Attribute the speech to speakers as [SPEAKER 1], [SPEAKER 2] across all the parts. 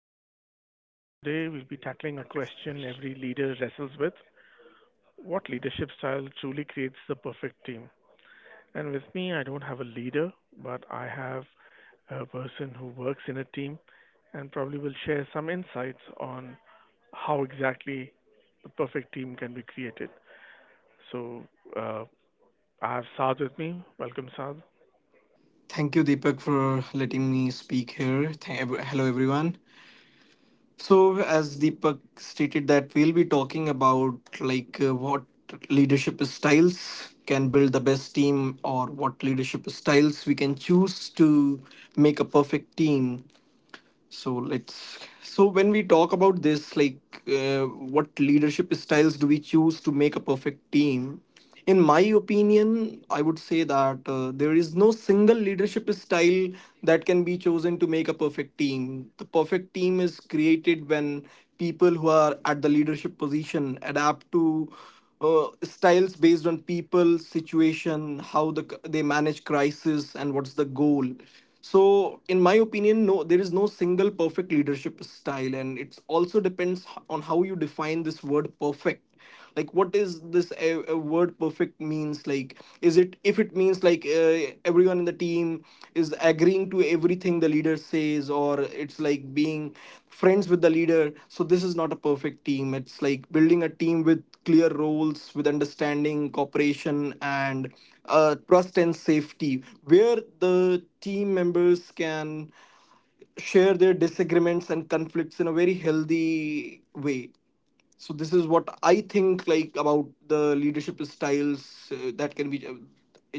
[SPEAKER 1] podcast. So, today we'll be tackling a question every leader wrestles with. What leadership style truly creates the perfect team? And with me, I don't have a leader, but I have a person who works in a team and probably will share some insights on how exactly the perfect team can be created. So, uh, I have Saad with me. Welcome, Saad.
[SPEAKER 2] Thank you, Deepak, for letting me speak here. Hello, everyone. So, as Deepak stated, that we'll be talking about what leadership styles can build the best team, or what leadership styles we can choose to make a perfect team. So let's. So when we talk about this, what leadership styles do we choose to make a perfect team? In my opinion, I would say that there is no single leadership style that can be chosen to make a perfect team. The perfect team is created when people who are at the leadership position adapt to styles based on people, situation, how they manage crisis, and what's the goal. So in my opinion, no, there is no single perfect leadership style, and it also depends on how you define this word perfect. Like, what is this, a word perfect means? Like, is it, if it means everyone in the team is agreeing to everything the leader says, or it's like being friends with the leader? So this is not a perfect team. It's like building a team with clear roles, with understanding, cooperation, and trust and safety, where the team members can share their disagreements and conflicts in a very healthy way. So this is what I think, like, about the leadership styles that can be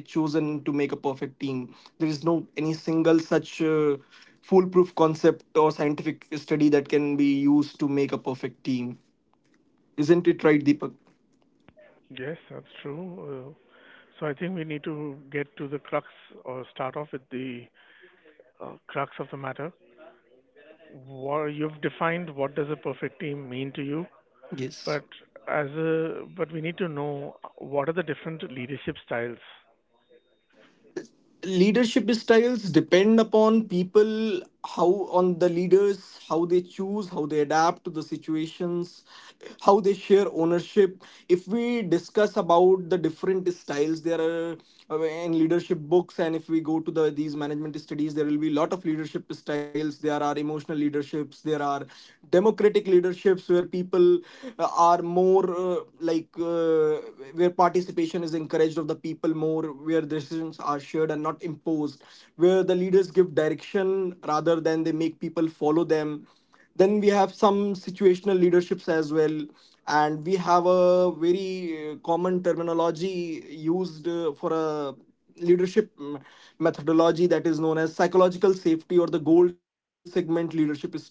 [SPEAKER 2] chosen to make a perfect team. There is no any single such foolproof concept or scientific study that can be used to make a perfect team. Isn't it right, Deepak?
[SPEAKER 1] Yes, that's true. So I think we need to get to the crux or start off with the crux of the matter. Wha You've defined what does a perfect team mean to you,
[SPEAKER 2] Yes.
[SPEAKER 1] but as a but we need to know what are the different leadership styles.
[SPEAKER 2] Leadership styles depend upon people, how, on the leaders, how they choose, how they adapt to the situations, how they share ownership. If we discuss about the different styles, there are in leadership books, and if we go to the these management studies, there will be a lot of leadership styles. There are emotional leaderships, there are democratic leaderships where people are more where participation is encouraged of the people more, where decisions are shared and not imposed, where the leaders give direction rather than they make people follow them. Then we have some situational leaderships as well, and we have a very common terminology used for a leadership methodology that is known as psychological safety or the gold segment leadership style,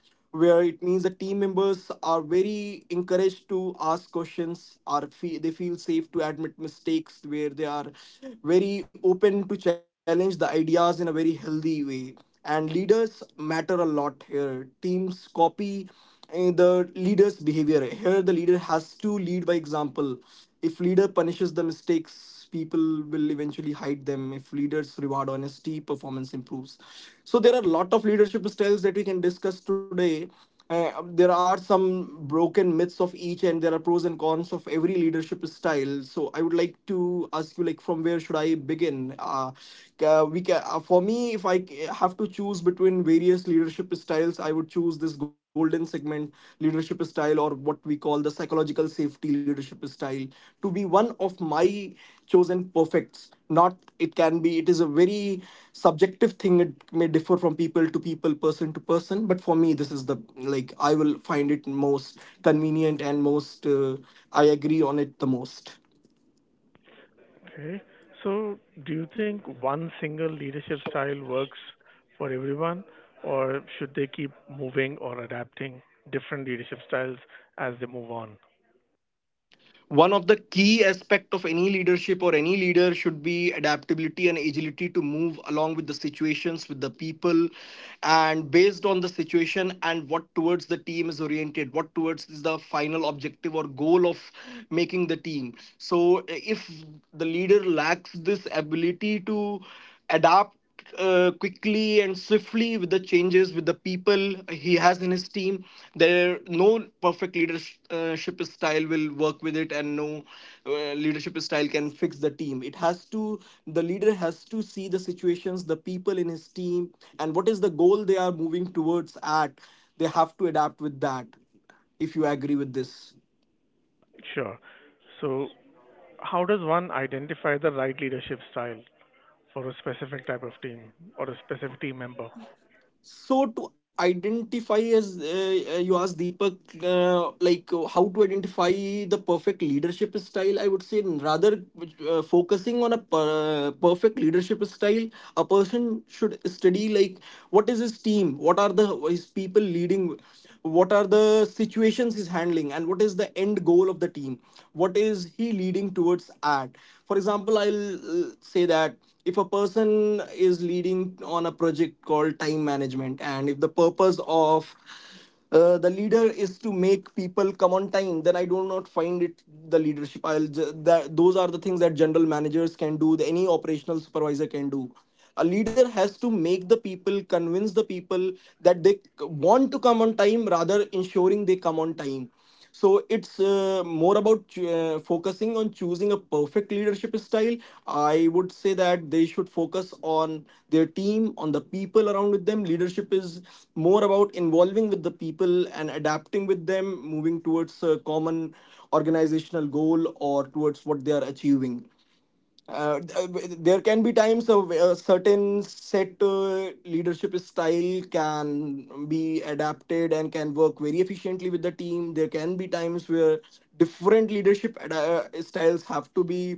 [SPEAKER 2] where it means the team members are very encouraged to ask questions, they feel safe to admit mistakes, where they are very open to challenge the ideas in a very healthy way. And leaders matter a lot here. Teams copy the leader's behavior here. The leader has to lead by example. If leader punishes the mistakes, people will eventually hide them. If leaders reward honesty, performance improves. So there are a lot of leadership styles that we can discuss today. There are some broken myths of each, and there are pros and cons of every leadership style. So I would like to ask you, like, from where should I begin? We can, for me, if I have to choose between various leadership styles, I would choose this golden segment leadership style, or what we call the psychological safety leadership style, to be one of my chosen perfects. Not, it can be, it is a very subjective thing. It may differ from people to people, person to person, but for me, this is the, like, I will find it most convenient and most, I agree on it the most.
[SPEAKER 1] Okay, so do you think one single leadership style works for everyone, or should they keep moving or adapting different leadership styles as they move on?
[SPEAKER 2] One of the key aspect of any leadership or any leader should be adaptability and agility to move along with the situations, with the people, and based on the situation and what towards the team is oriented, what towards is the final objective or goal of making the team. So if the leader lacks this ability to adapt quickly and swiftly with the changes, with the people he has in his team, there no perfect leadership style will work with it, and no leadership style can fix the team. It has to, the leader has to see the situations, the people in his team, and what is the goal they are moving towards at, they have to adapt with that, if you agree with this.
[SPEAKER 1] Sure. So, how does one identify the right leadership style for a specific type of team or a specific team member?
[SPEAKER 2] So to identify, as you asked Deepak, how to identify the perfect leadership style, I would say rather focusing on a perfect leadership style, a person should study like what is his team, what are the his people leading, what are the situations he's handling, and what is the end goal of the team, what is he leading towards at. For example, I'll say that if a person is leading on a project called time management, and if the purpose of the leader is to make people come on time, then I do not find it the leadership. That those are the things that general managers can do, that any operational supervisor can do. A leader has to make the people, convince the people, that they want to come on time, rather ensuring they come on time. So it's more about focusing on choosing a perfect leadership style. I would say that they should focus on their team, on the people around with them. Leadership is more about involving with the people and adapting with them, moving towards a common organizational goal or towards what they are achieving. uh, there can be times a certain set leadership style can be adapted and can work very efficiently with the team. There can be times where different leadership styles have to be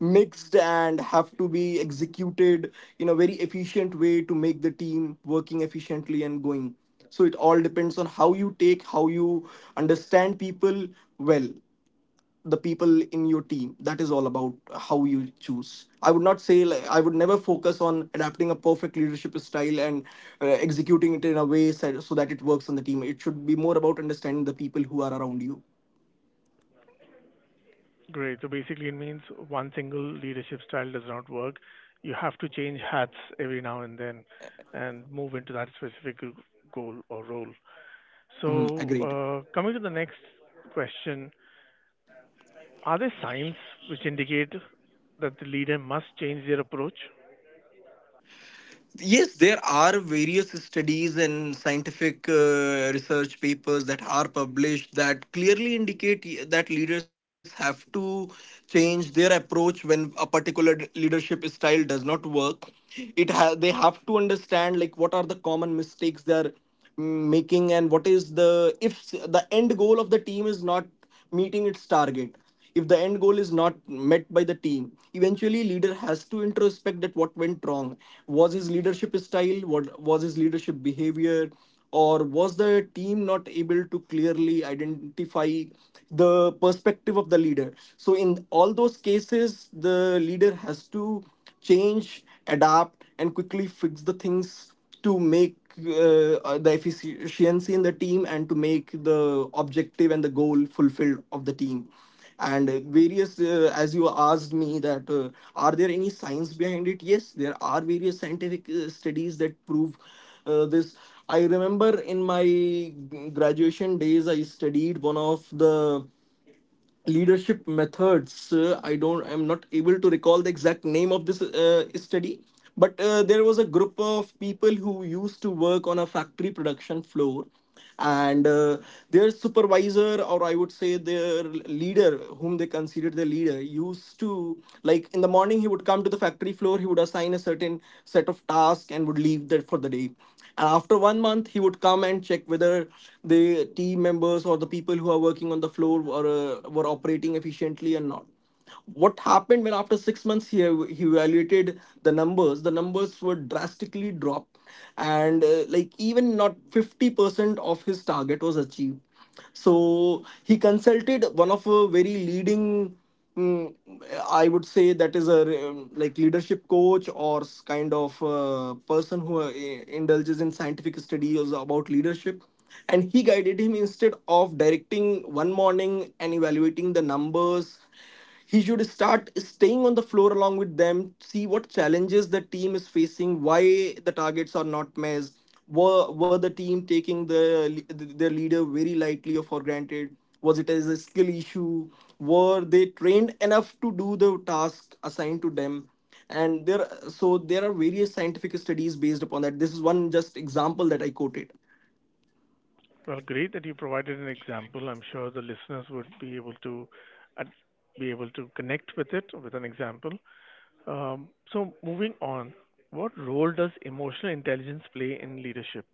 [SPEAKER 2] mixed and have to be executed in a very efficient way to make the team working efficiently and going. So it all depends on how you take, how you understand people well, the people in your team. That is all about how you choose. I would not say, like, I would never focus on adapting a perfect leadership style and executing it in a way so that it works on the team. It should be more about understanding the people who are around you.
[SPEAKER 1] Great. So basically, it means one single leadership style does not work. You have to change hats every now and then and move into that specific goal or role.
[SPEAKER 2] Mhm,
[SPEAKER 1] So,
[SPEAKER 2] agreed.
[SPEAKER 1] coming to the next question. Are there signs which indicate that the leader must change their approach?
[SPEAKER 2] Yes, there are various studies and scientific research papers that are published that clearly indicate that leaders have to change their approach when a particular leadership style does not work. They have to understand, like, what are the common mistakes they are making, and what is the, if the end goal of the team is not meeting its target. If the end goal is not met by the team, eventually leader has to introspect that what went wrong. Was his leadership style, what was his leadership behavior, or was the team not able to clearly identify the perspective of the leader? So in all those cases, the leader has to change, adapt, and quickly fix the things to make the efficiency in the team and to make the objective and the goal fulfilled of the team. And various, as you asked me that, are there any science behind it? Yes, there are various scientific studies that prove this. I remember in my graduation days I studied one of the leadership methods. I don't, I'm not able to recall the exact name of this study, but there was a group of people who used to work on a factory production floor. And their supervisor, or I would say their leader, whom they considered the leader, used to, like, in the morning he would come to the factory floor, he would assign a certain set of tasks and would leave that for the day. And after 1 month, he would come and check whether the team members or the people who are working on the floor were operating efficiently and not. What happened when after 6 months he, he evaluated the numbers were drastically dropped, and like, even not 50% of his target was achieved. So he consulted one of a very leading, Mm, I would say that is a like leadership coach or kind of person who indulges in scientific studies about leadership. And he guided him, instead of directing one morning and evaluating the numbers, He should start staying on the floor along with them, see what challenges the team is facing, why the targets are not met, were the team taking the their leader very lightly or for granted? Was it as a skill issue? Were they trained enough to do the task assigned to them? And there, so there are various scientific studies based upon that. This is one just example that I quoted.
[SPEAKER 1] Well, great that you provided an example. I'm sure the listeners would uh, be able to connect with it with an example. So moving on, what role does emotional intelligence play in leadership?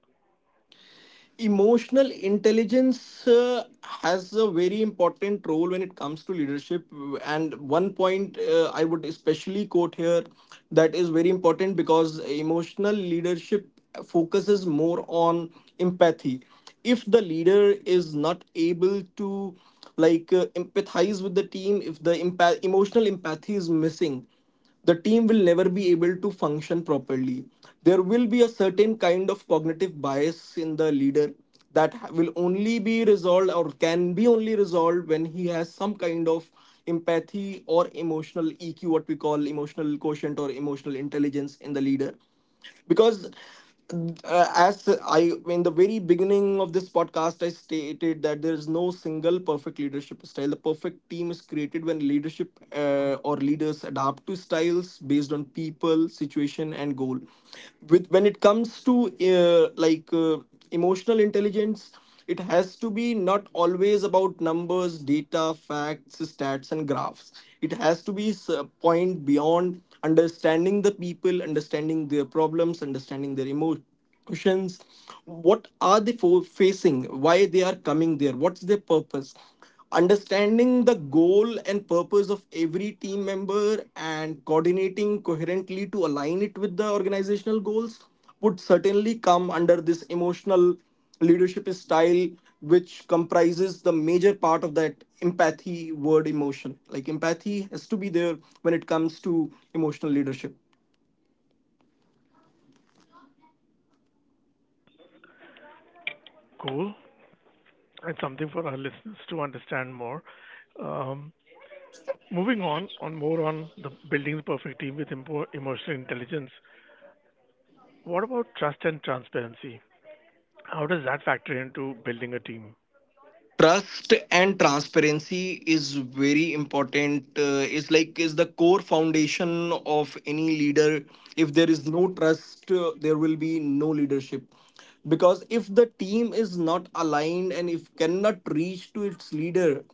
[SPEAKER 2] Emotional intelligence has a very important role when it comes to leadership, and one point I would especially quote here that is very important, because emotional leadership focuses more on empathy. If the leader is not able to, like, empathize with the team, if the emotional empathy is missing, the team will never be able to function properly. There will be a certain kind of cognitive bias in the leader that will only be resolved, or can be only resolved, when he has some kind of empathy or emotional EQ, what we call emotional quotient or emotional intelligence in the leader. Because, as I in the very beginning of this podcast, I stated that there is no single perfect leadership style. The perfect team is created when leadership or leaders adapt to styles based on people, situation, and goal. With, when it comes to, emotional intelligence, it has to be not always about numbers, data, facts, stats and graphs. It has to be a point beyond understanding the people, understanding their problems, understanding their emotions. What are they for facing? Why they are coming there? What's their purpose? Understanding the goal and purpose of every team member and coordinating coherently to align it with the organizational goals would certainly come under this emotional leadership style, which comprises the major part of that empathy word, emotion. Like, empathy has to be there when it comes to emotional leadership.
[SPEAKER 1] Cool. It's something for our listeners to understand more. Um, moving on more on the building the perfect team with emotional intelligence. What about trust and transparency? How does that factor into building a team?
[SPEAKER 2] Trust and transparency is very important, is like, is the core foundation of any leader. If there is no trust, there will be no leadership, because if the team is not aligned and if cannot reach to its leader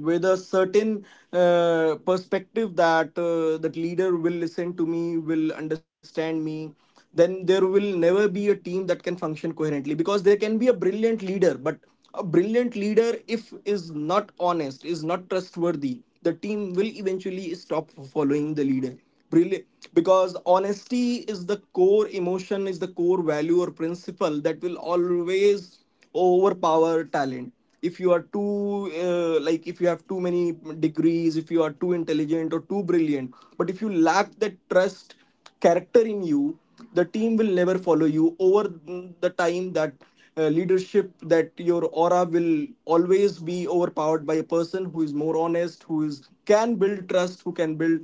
[SPEAKER 2] with a certain perspective that, that leader will listen to me, will understand me, then there will never be a team that can function coherently. Because there can be a brilliant leader, but a brilliant leader, if is not honest, is not trustworthy, the team will eventually stop following the leader. Brilliant. Because honesty is the core emotion, is the core value or principle that will always overpower talent. If you are too, like, if you have too many degrees, if you are too intelligent or too brilliant, but if you lack that trust, character in you, the team will never follow you. Over the time, that leadership, that your aura will always be overpowered by a person who is more honest, who is can build trust, who can build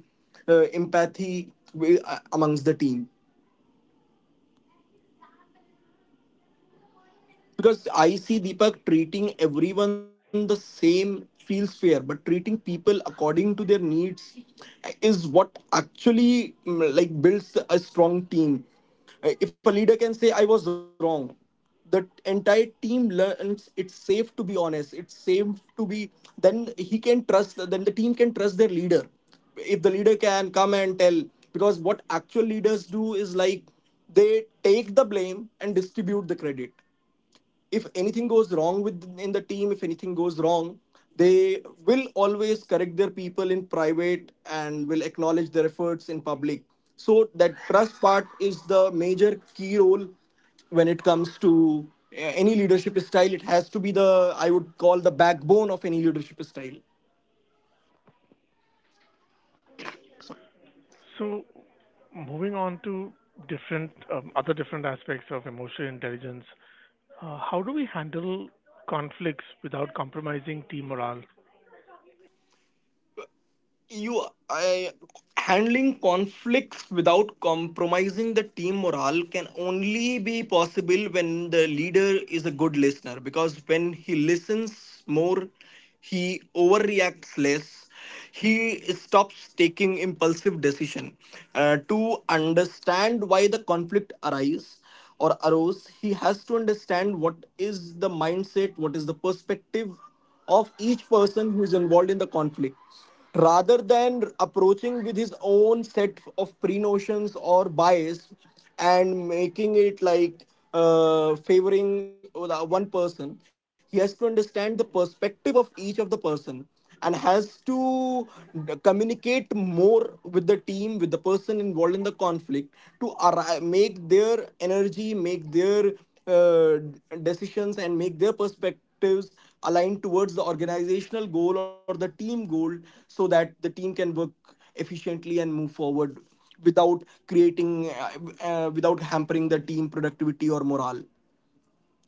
[SPEAKER 2] empathy amongst the team. Because I see, Deepak, treating everyone the same feels fair, but treating people according to their needs is what actually, like, builds a strong team. If a leader can say I was wrong, the entire team learns it's safe to be honest. It's safe to be. Then he can trust. Then the team can trust their leader. If the leader can come and tell, because what actual leaders do is like, they take the blame and distribute the credit. If anything goes wrong with in the team, if anything goes wrong, they will always correct their people in private and will acknowledge their efforts in public. So that trust part is the major key role when it comes to any leadership style. It has to be the, I would call, the backbone of any leadership style.
[SPEAKER 1] So moving on to different other different aspects of emotional intelligence. How do we handle conflicts without compromising team morale?
[SPEAKER 2] you I, Handling conflicts without compromising the team morale can only be possible when the leader is a good listener, because when he listens more, he overreacts less, he stops taking impulsive decision. To understand why the conflict arises or arose, he has to understand what is the mindset, what is the perspective of each person who is involved in the conflict, rather than approaching with his own set of pre notions or bias and making it like favoring the one person. He has to understand the perspective of each of the person, and has to communicate more with the team, with the person involved in the conflict, to make their energy, make their uh, decisions and make their perspectives aligned towards the organizational goal or the team goal, so that the team can work efficiently and move forward without creating without hampering the team productivity or morale.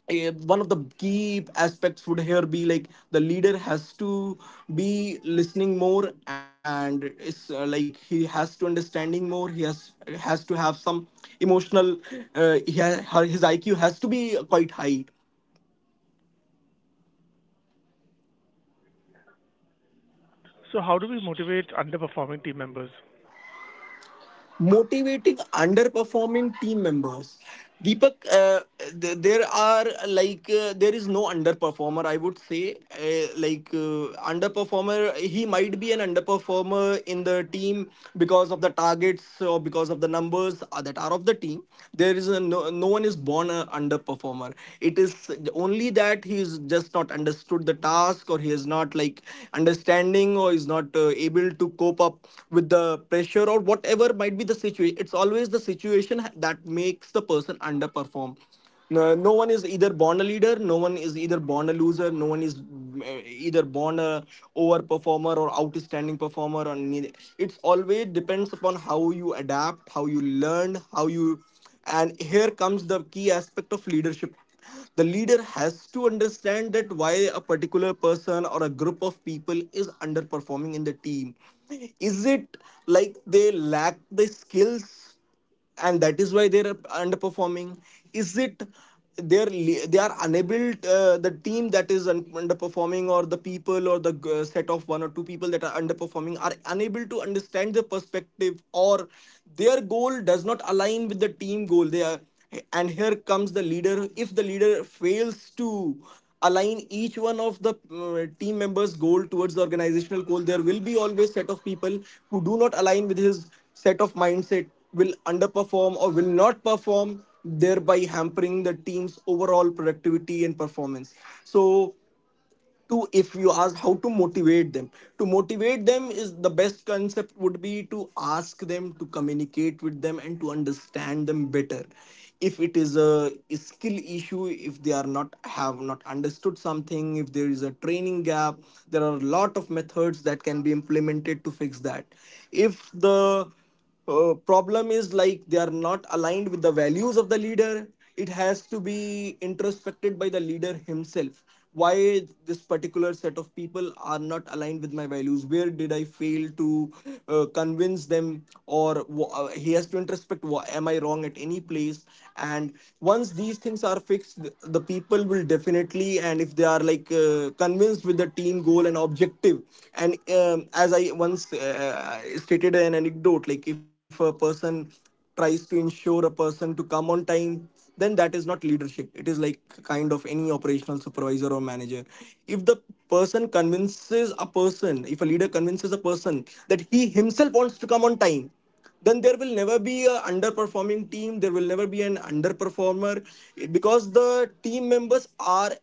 [SPEAKER 2] One of the key aspects would here be, like, the leader has to be listening more, and is, like, he has to understanding more, he has to have some emotional, he his IQ has to be quite high.
[SPEAKER 1] So, how do we motivate underperforming team members?
[SPEAKER 2] Motivating underperforming team members, Deepak, there are, like, there is no underperformer, I would say. Underperformer, he might be an underperformer in the team because of the targets or because of the numbers that are of the team. There is a, no, no one is born an underperformer. It is only that he is just not understood the task, or he has not, not like, understanding, or is not able to cope up with the pressure, or whatever might be the situation. It's always the situation that makes the person underperform. No, no one is either born a leader, no one is either born a loser, no one is, either born a overperformer or outstanding performer or neither. It's always depends upon how you adapt, how you learn, how you. And here comes the key aspect of leadership. The leader has to understand that why a particular person or a group of people is underperforming in the team. Is it like they lack the skills, and that is why they're underperforming? Is it they're they are the team that is underperforming, or the people, or the set of one or two people that are underperforming, are unable to understand the perspective, or their goal does not align with the team goal? They are, and here comes the leader. If the leader fails to align each one of the team members goal towards the organizational goal, there will be always set of people who do not align with his set of mindset, will underperform or will not perform, thereby hampering the team's overall productivity and performance. So, to, if you ask how to motivate them, to motivate them is the best concept, would be to ask them, to communicate with them and to understand them better. If it is a skill issue, if they are not have not understood something, if there is a training gap, there are a lot of methods that can be implemented to fix that. If the problem is like they are not aligned with the values of the leader, it has to be introspected by the leader himself: why this particular set of people are not aligned with my values, where did I fail to convince them, or he has to introspect, am I wrong at any place? And once these things are fixed, the people will definitely, and if they are like convinced with the team goal and objective effective. And as I once, stated an anecdote, like, if a person tries to ensure a person to come on time, then that is not leadership, it is like kind of any operational supervisor or manager. If the person convinces a person, if a leader convinces a person that he himself wants to come on time, then there will never be a underperforming team, there will never be an underperformer, because the team members are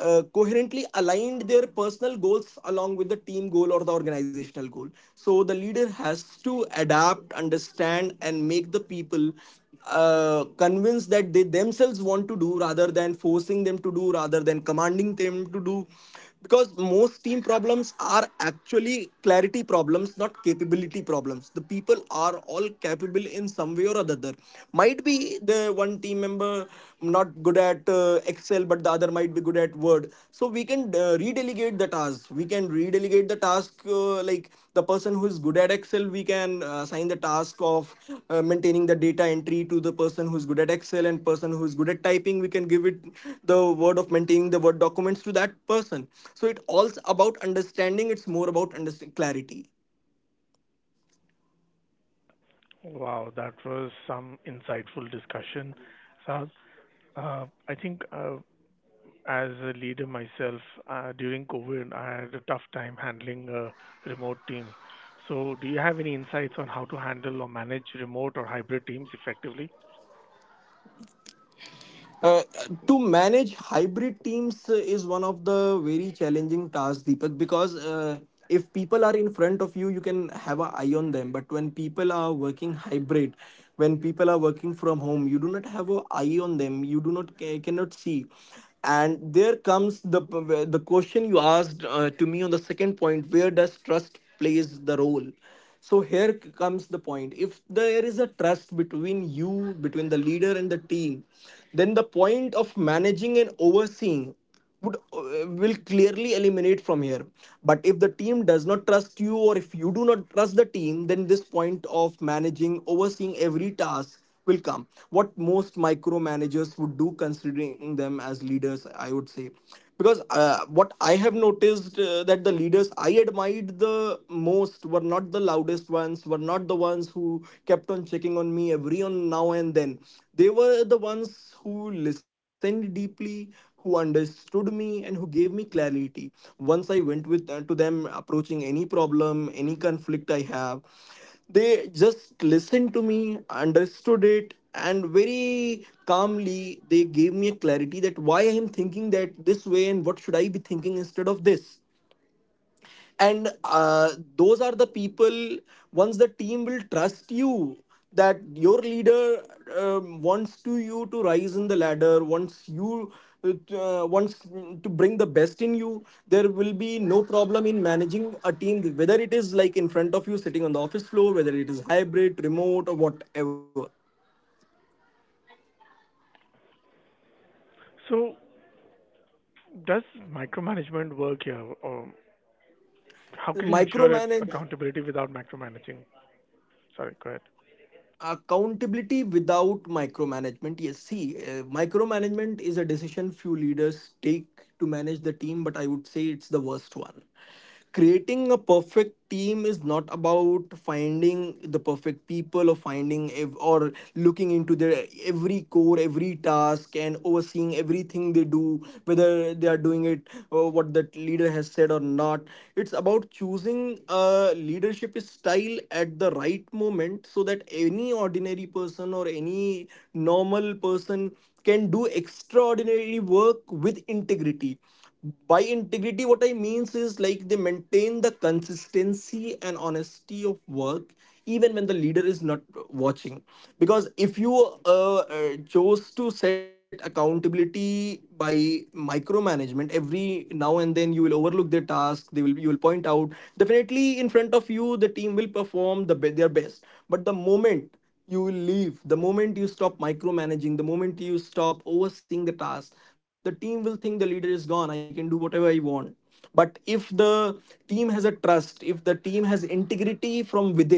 [SPEAKER 2] coherently aligned their personal goals along with the team goal or the organizational goal. So the leader has to adapt, understand, and make the people convinced that they themselves want to do, rather than forcing them to do, rather than commanding them to do. Because most team problems are actually clarity problems, not capability problems. The people are all capable in some way or other. Might be the one team member not good at Excel, but the other might be good at Word. So we can redelegate the task, we can redelegate delegate the task, like, the person who is good at Excel, we can assign the task of maintaining the data entry to the person who is good at Excel, and person who is good at typing, we can give it the word of maintaining the Word documents to that person. So it all's about understanding, it's more about understanding, clarity.
[SPEAKER 1] Wow, that was some insightful discussion. So, I think as a leader myself, during COVID, I had a tough time handling a remote team. So, do you have any insights on how to handle or manage remote or hybrid teams effectively?
[SPEAKER 2] Uh, to manage hybrid teams is one of the very challenging tasks, Deepak, because, if people are in front of you, you can have an eye on them. But when people are working hybrid, when people are working from home, you do not have an eye on them. You do not cannot see, and there comes the question you asked to me on the second point: where does trust plays the role? So here comes the point. If there is a trust between you, between the leader and the team, then the point of managing and overseeing would will clearly eliminate from here. But if the team does not trust you, or if you do not trust the team, then this point of managing, overseeing every task will come. What most micromanagers would do, considering them as leaders, I would say. Because what I have noticed that the leaders I admired the most were not the loudest ones, were not the ones who kept on checking on me every on now and then. They were the ones who listened deeply, who understood me, and who gave me clarity. Once I went with to them, approaching any problem, any conflict I have, they just listened to me, understood it, and very calmly they gave me a clarity that why I am thinking that this way and what should I be thinking instead of this. And Those are the people. Once the team will trust you that your leader wants to you to rise in the ladder, wants you wants to bring the best in you, there will be no problem in managing a team, whether it is like in front of you sitting on the office floor, whether it is hybrid, remote, or whatever.
[SPEAKER 1] So, does micromanagement work here, or how can you ensure
[SPEAKER 2] Micromanage
[SPEAKER 1] accountability without micromanaging? Sorry, go ahead.
[SPEAKER 2] Accountability without micromanagement, yes. See, micromanagement is a decision few leaders take to manage the team, but I would say it's the worst one. Creating a perfect team is not about finding the perfect people or or looking into their every core, every task, and overseeing everything they do, whether they are doing it what that leader has said or not. It's about choosing a leadership style at the right moment, so that any ordinary person or any normal person can do extraordinary work with integrity. By integrity what I means is like they maintain the consistency and honesty of work even when the leader is not watching. Because if you chose to set accountability by micromanagement, every now and then you will overlook their task, they will, you will point out. Definitely in front of you the team will perform their best, but the moment you will leave, the moment you stop micromanaging, the moment you stop overseeing the task, the team will think the leader is gone, I can do whatever I want. But if the team has a trust, if the team has integrity from within,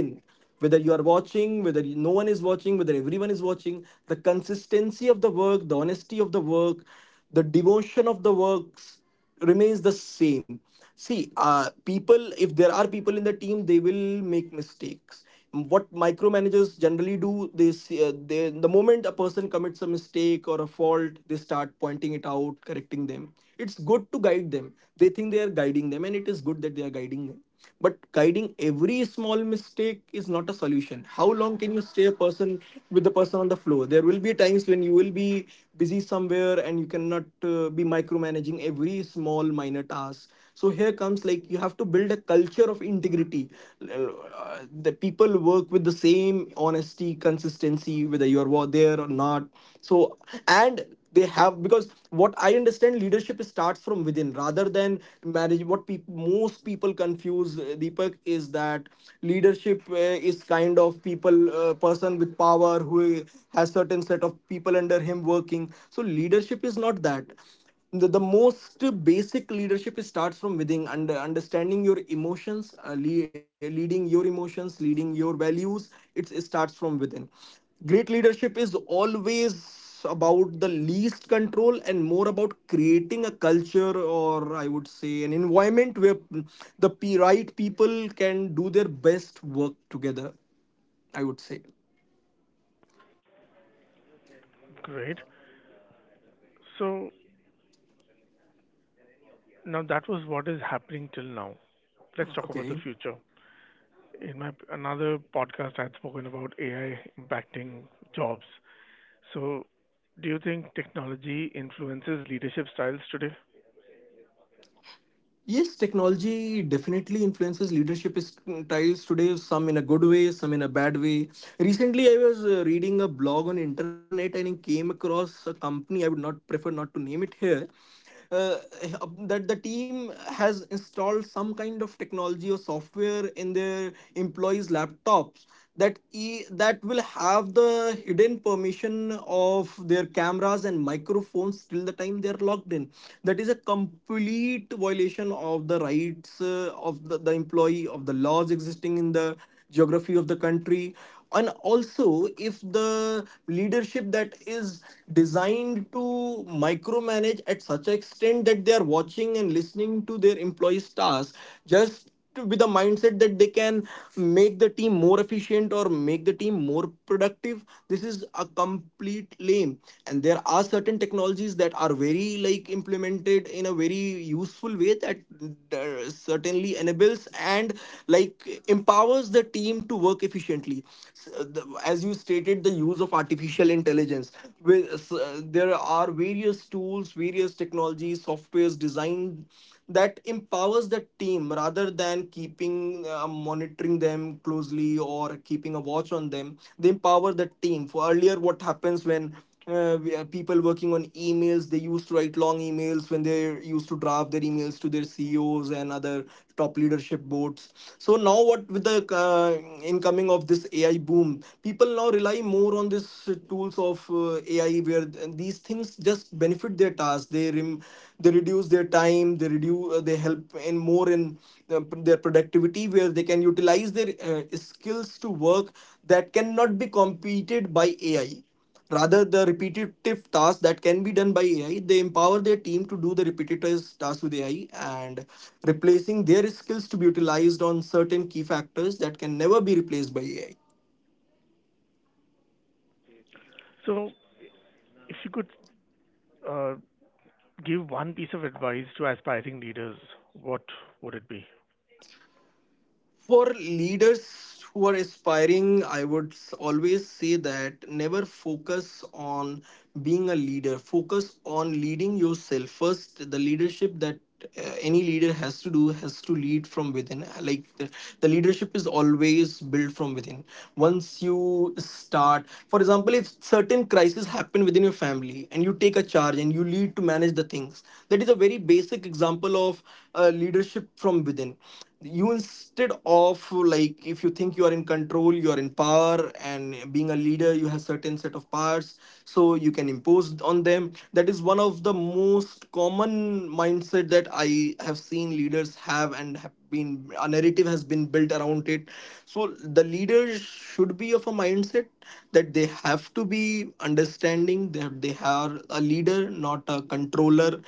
[SPEAKER 2] whether you are watching, no one is watching, whether everyone is watching, the consistency of the work, the honesty of the work, the devotion of the works remains the same. See, people, if there are people in the team, they will make mistakes. What micromanagers generally do, they the moment a person commits a mistake or a fault, they start pointing it out, correcting them. It's good to guide them. They think they are guiding them, and it is good that they are guiding them. But guiding every small mistake is not a solution. How long can you stay a person with the person on the floor? There will be times when you will be busy somewhere and you cannot be micromanaging every small minor task us. So here comes, like, you have to build a culture of integrity. Uh, the people work with the same honesty, consistency whether you are there or not. So, and they have, because what I understand, leadership starts from within rather than marriage. What peop most people confuse, Deepak, is that leadership is kind of people, person with power who has certain set of people under him working. So leadership is not that. The most basic leadership is starts from within, and understanding your emotions, leading your emotions, leading your values. It starts from within. Great leadership is always about the least control and more about creating a culture, or I would say an environment where the right people can do their best work together, I would say.
[SPEAKER 1] Great. So now that was what is happening till now. Let's talk about the
[SPEAKER 2] Okay.
[SPEAKER 1] future. In my another podcast, I had spoken about AI impacting jobs. So, do you think technology influences leadership styles today?
[SPEAKER 2] Yes, technology definitely influences leadership styles today, some in a good way, some in a bad way. Recently, I was reading a blog on internet and I came across a company, I would not prefer not to name it here, uh, that the team has installed some kind of technology or software in their employees laptops, that will have the hidden permission of their cameras and microphones till the time they are logged in. That is a complete violation of the rights of the employee, of the laws existing in the geography of the country. And also, if the leadership that is designed to micromanage at such an extent that they are watching and listening to their employees tasks, just to, with the mindset that they can make the team more efficient or make the team more productive, this is a complete lame. And there are certain technologies that are very very like implemented in a very useful way that certainly enables and like empowers the team to work efficiently. As you stated, the use of artificial intelligence with there are various tools, various technologies, softwares designed that empowers the team rather than keeping monitoring them closely or keeping a watch on them. They empower the team, for earlier what happens when people working on emails, they used to write long emails when they used to draft their emails to their ceos and other top leadership boards. So now what, with the uh, incoming of this ai boom, people now rely more on these tools of ai, where these things just benefit their task, they reduce their time, they help in more in their productivity, where they can utilize their skills to work that cannot be competed by ai. Rather, the repetitive tasks that can be done by AI, they empower their team to do the repetitive tasks with AI, and replacing their skills to be utilized on certain key factors that can never be replaced by AI.
[SPEAKER 1] So, if you could uh, give one piece of advice to aspiring leaders, what would it be?
[SPEAKER 2] For leaders who are aspiring, I would always say that never focus on being a leader. Focus on leading yourself first. The leadership that any leader has to do has to lead from within. Like the leadership is always built from within. Once you start, for example, if certain crises happen within your family and you take a charge and you lead to manage the things, that is a very basic example of leadership from within. You, instead of like, if you think you are in control, you are in power, and being a leader you have certain set of powers, so you can impose on them, that is one of the most common mindset that I have seen leaders have, and have been a narrative has been built around it. So the leaders should be of a mindset that they have to be understanding that they are a leader, not a controller.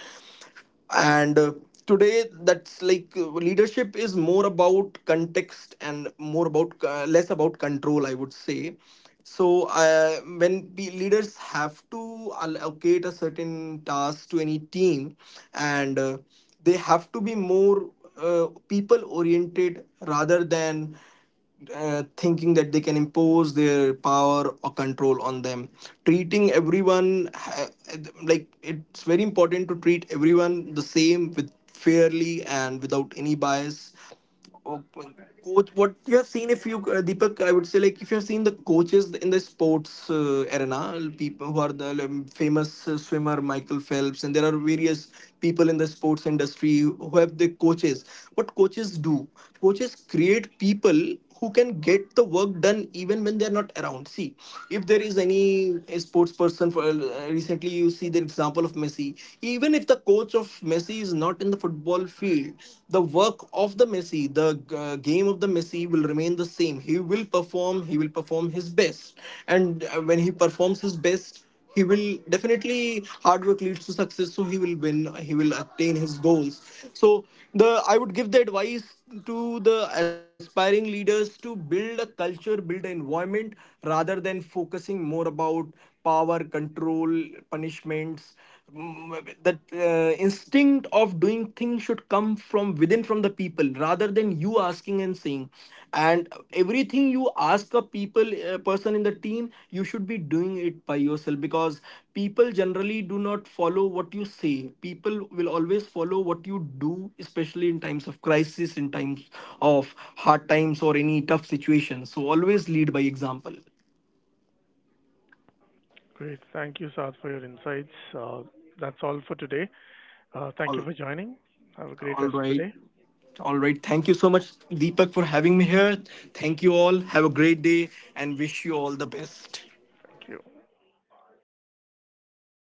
[SPEAKER 2] And Today that's like leadership is more about context and more about less about control, I would say. So when leaders have to allocate a certain task to any team, and they have to be more people oriented rather than thinking that they can impose their power or control on them. treating everyone ha- like, it's very important to treat everyone the same, with fairly and without any bias. Oh, coach, what you have seen, if you Deepak, I would say, like, if you have seen the coaches in the sports arena, people who are the famous swimmer Michael Phelps, and there are various people in the sports industry who have the coaches. What coaches do, coaches create people who can get the work done even when they're not around. See, if there is any sports person, for recently, you see the example of Messi. Even if the coach of Messi is not in the football field, the work of the Messi, the game of the Messi will remain the same. He will perform. He will perform his best. And When he performs his best, he will definitely, hard work leads to success, so he will win, he will attain his goals. So the I would give the advice to the aspiring leaders to build a culture, build an environment rather than focusing more about power, control, punishments. The instinct of doing things should come from within, from the people, rather than you asking and saying. And everything you ask a people, a person in the team, you should be doing it by yourself, because people generally do not follow what you say, people will always follow what you do, especially in times of crisis, in times of hard times or any tough situations. So always lead by example.
[SPEAKER 1] Great. Thank you, Saad, for your insights. That's all for today. Thank you
[SPEAKER 2] all
[SPEAKER 1] for joining. Have a great
[SPEAKER 2] all
[SPEAKER 1] rest of the
[SPEAKER 2] right
[SPEAKER 1] day.
[SPEAKER 2] All right. Thank you so much, Deepak, for having me here. Thank you all. Have a great day, and wish you all the best.
[SPEAKER 1] Thank you.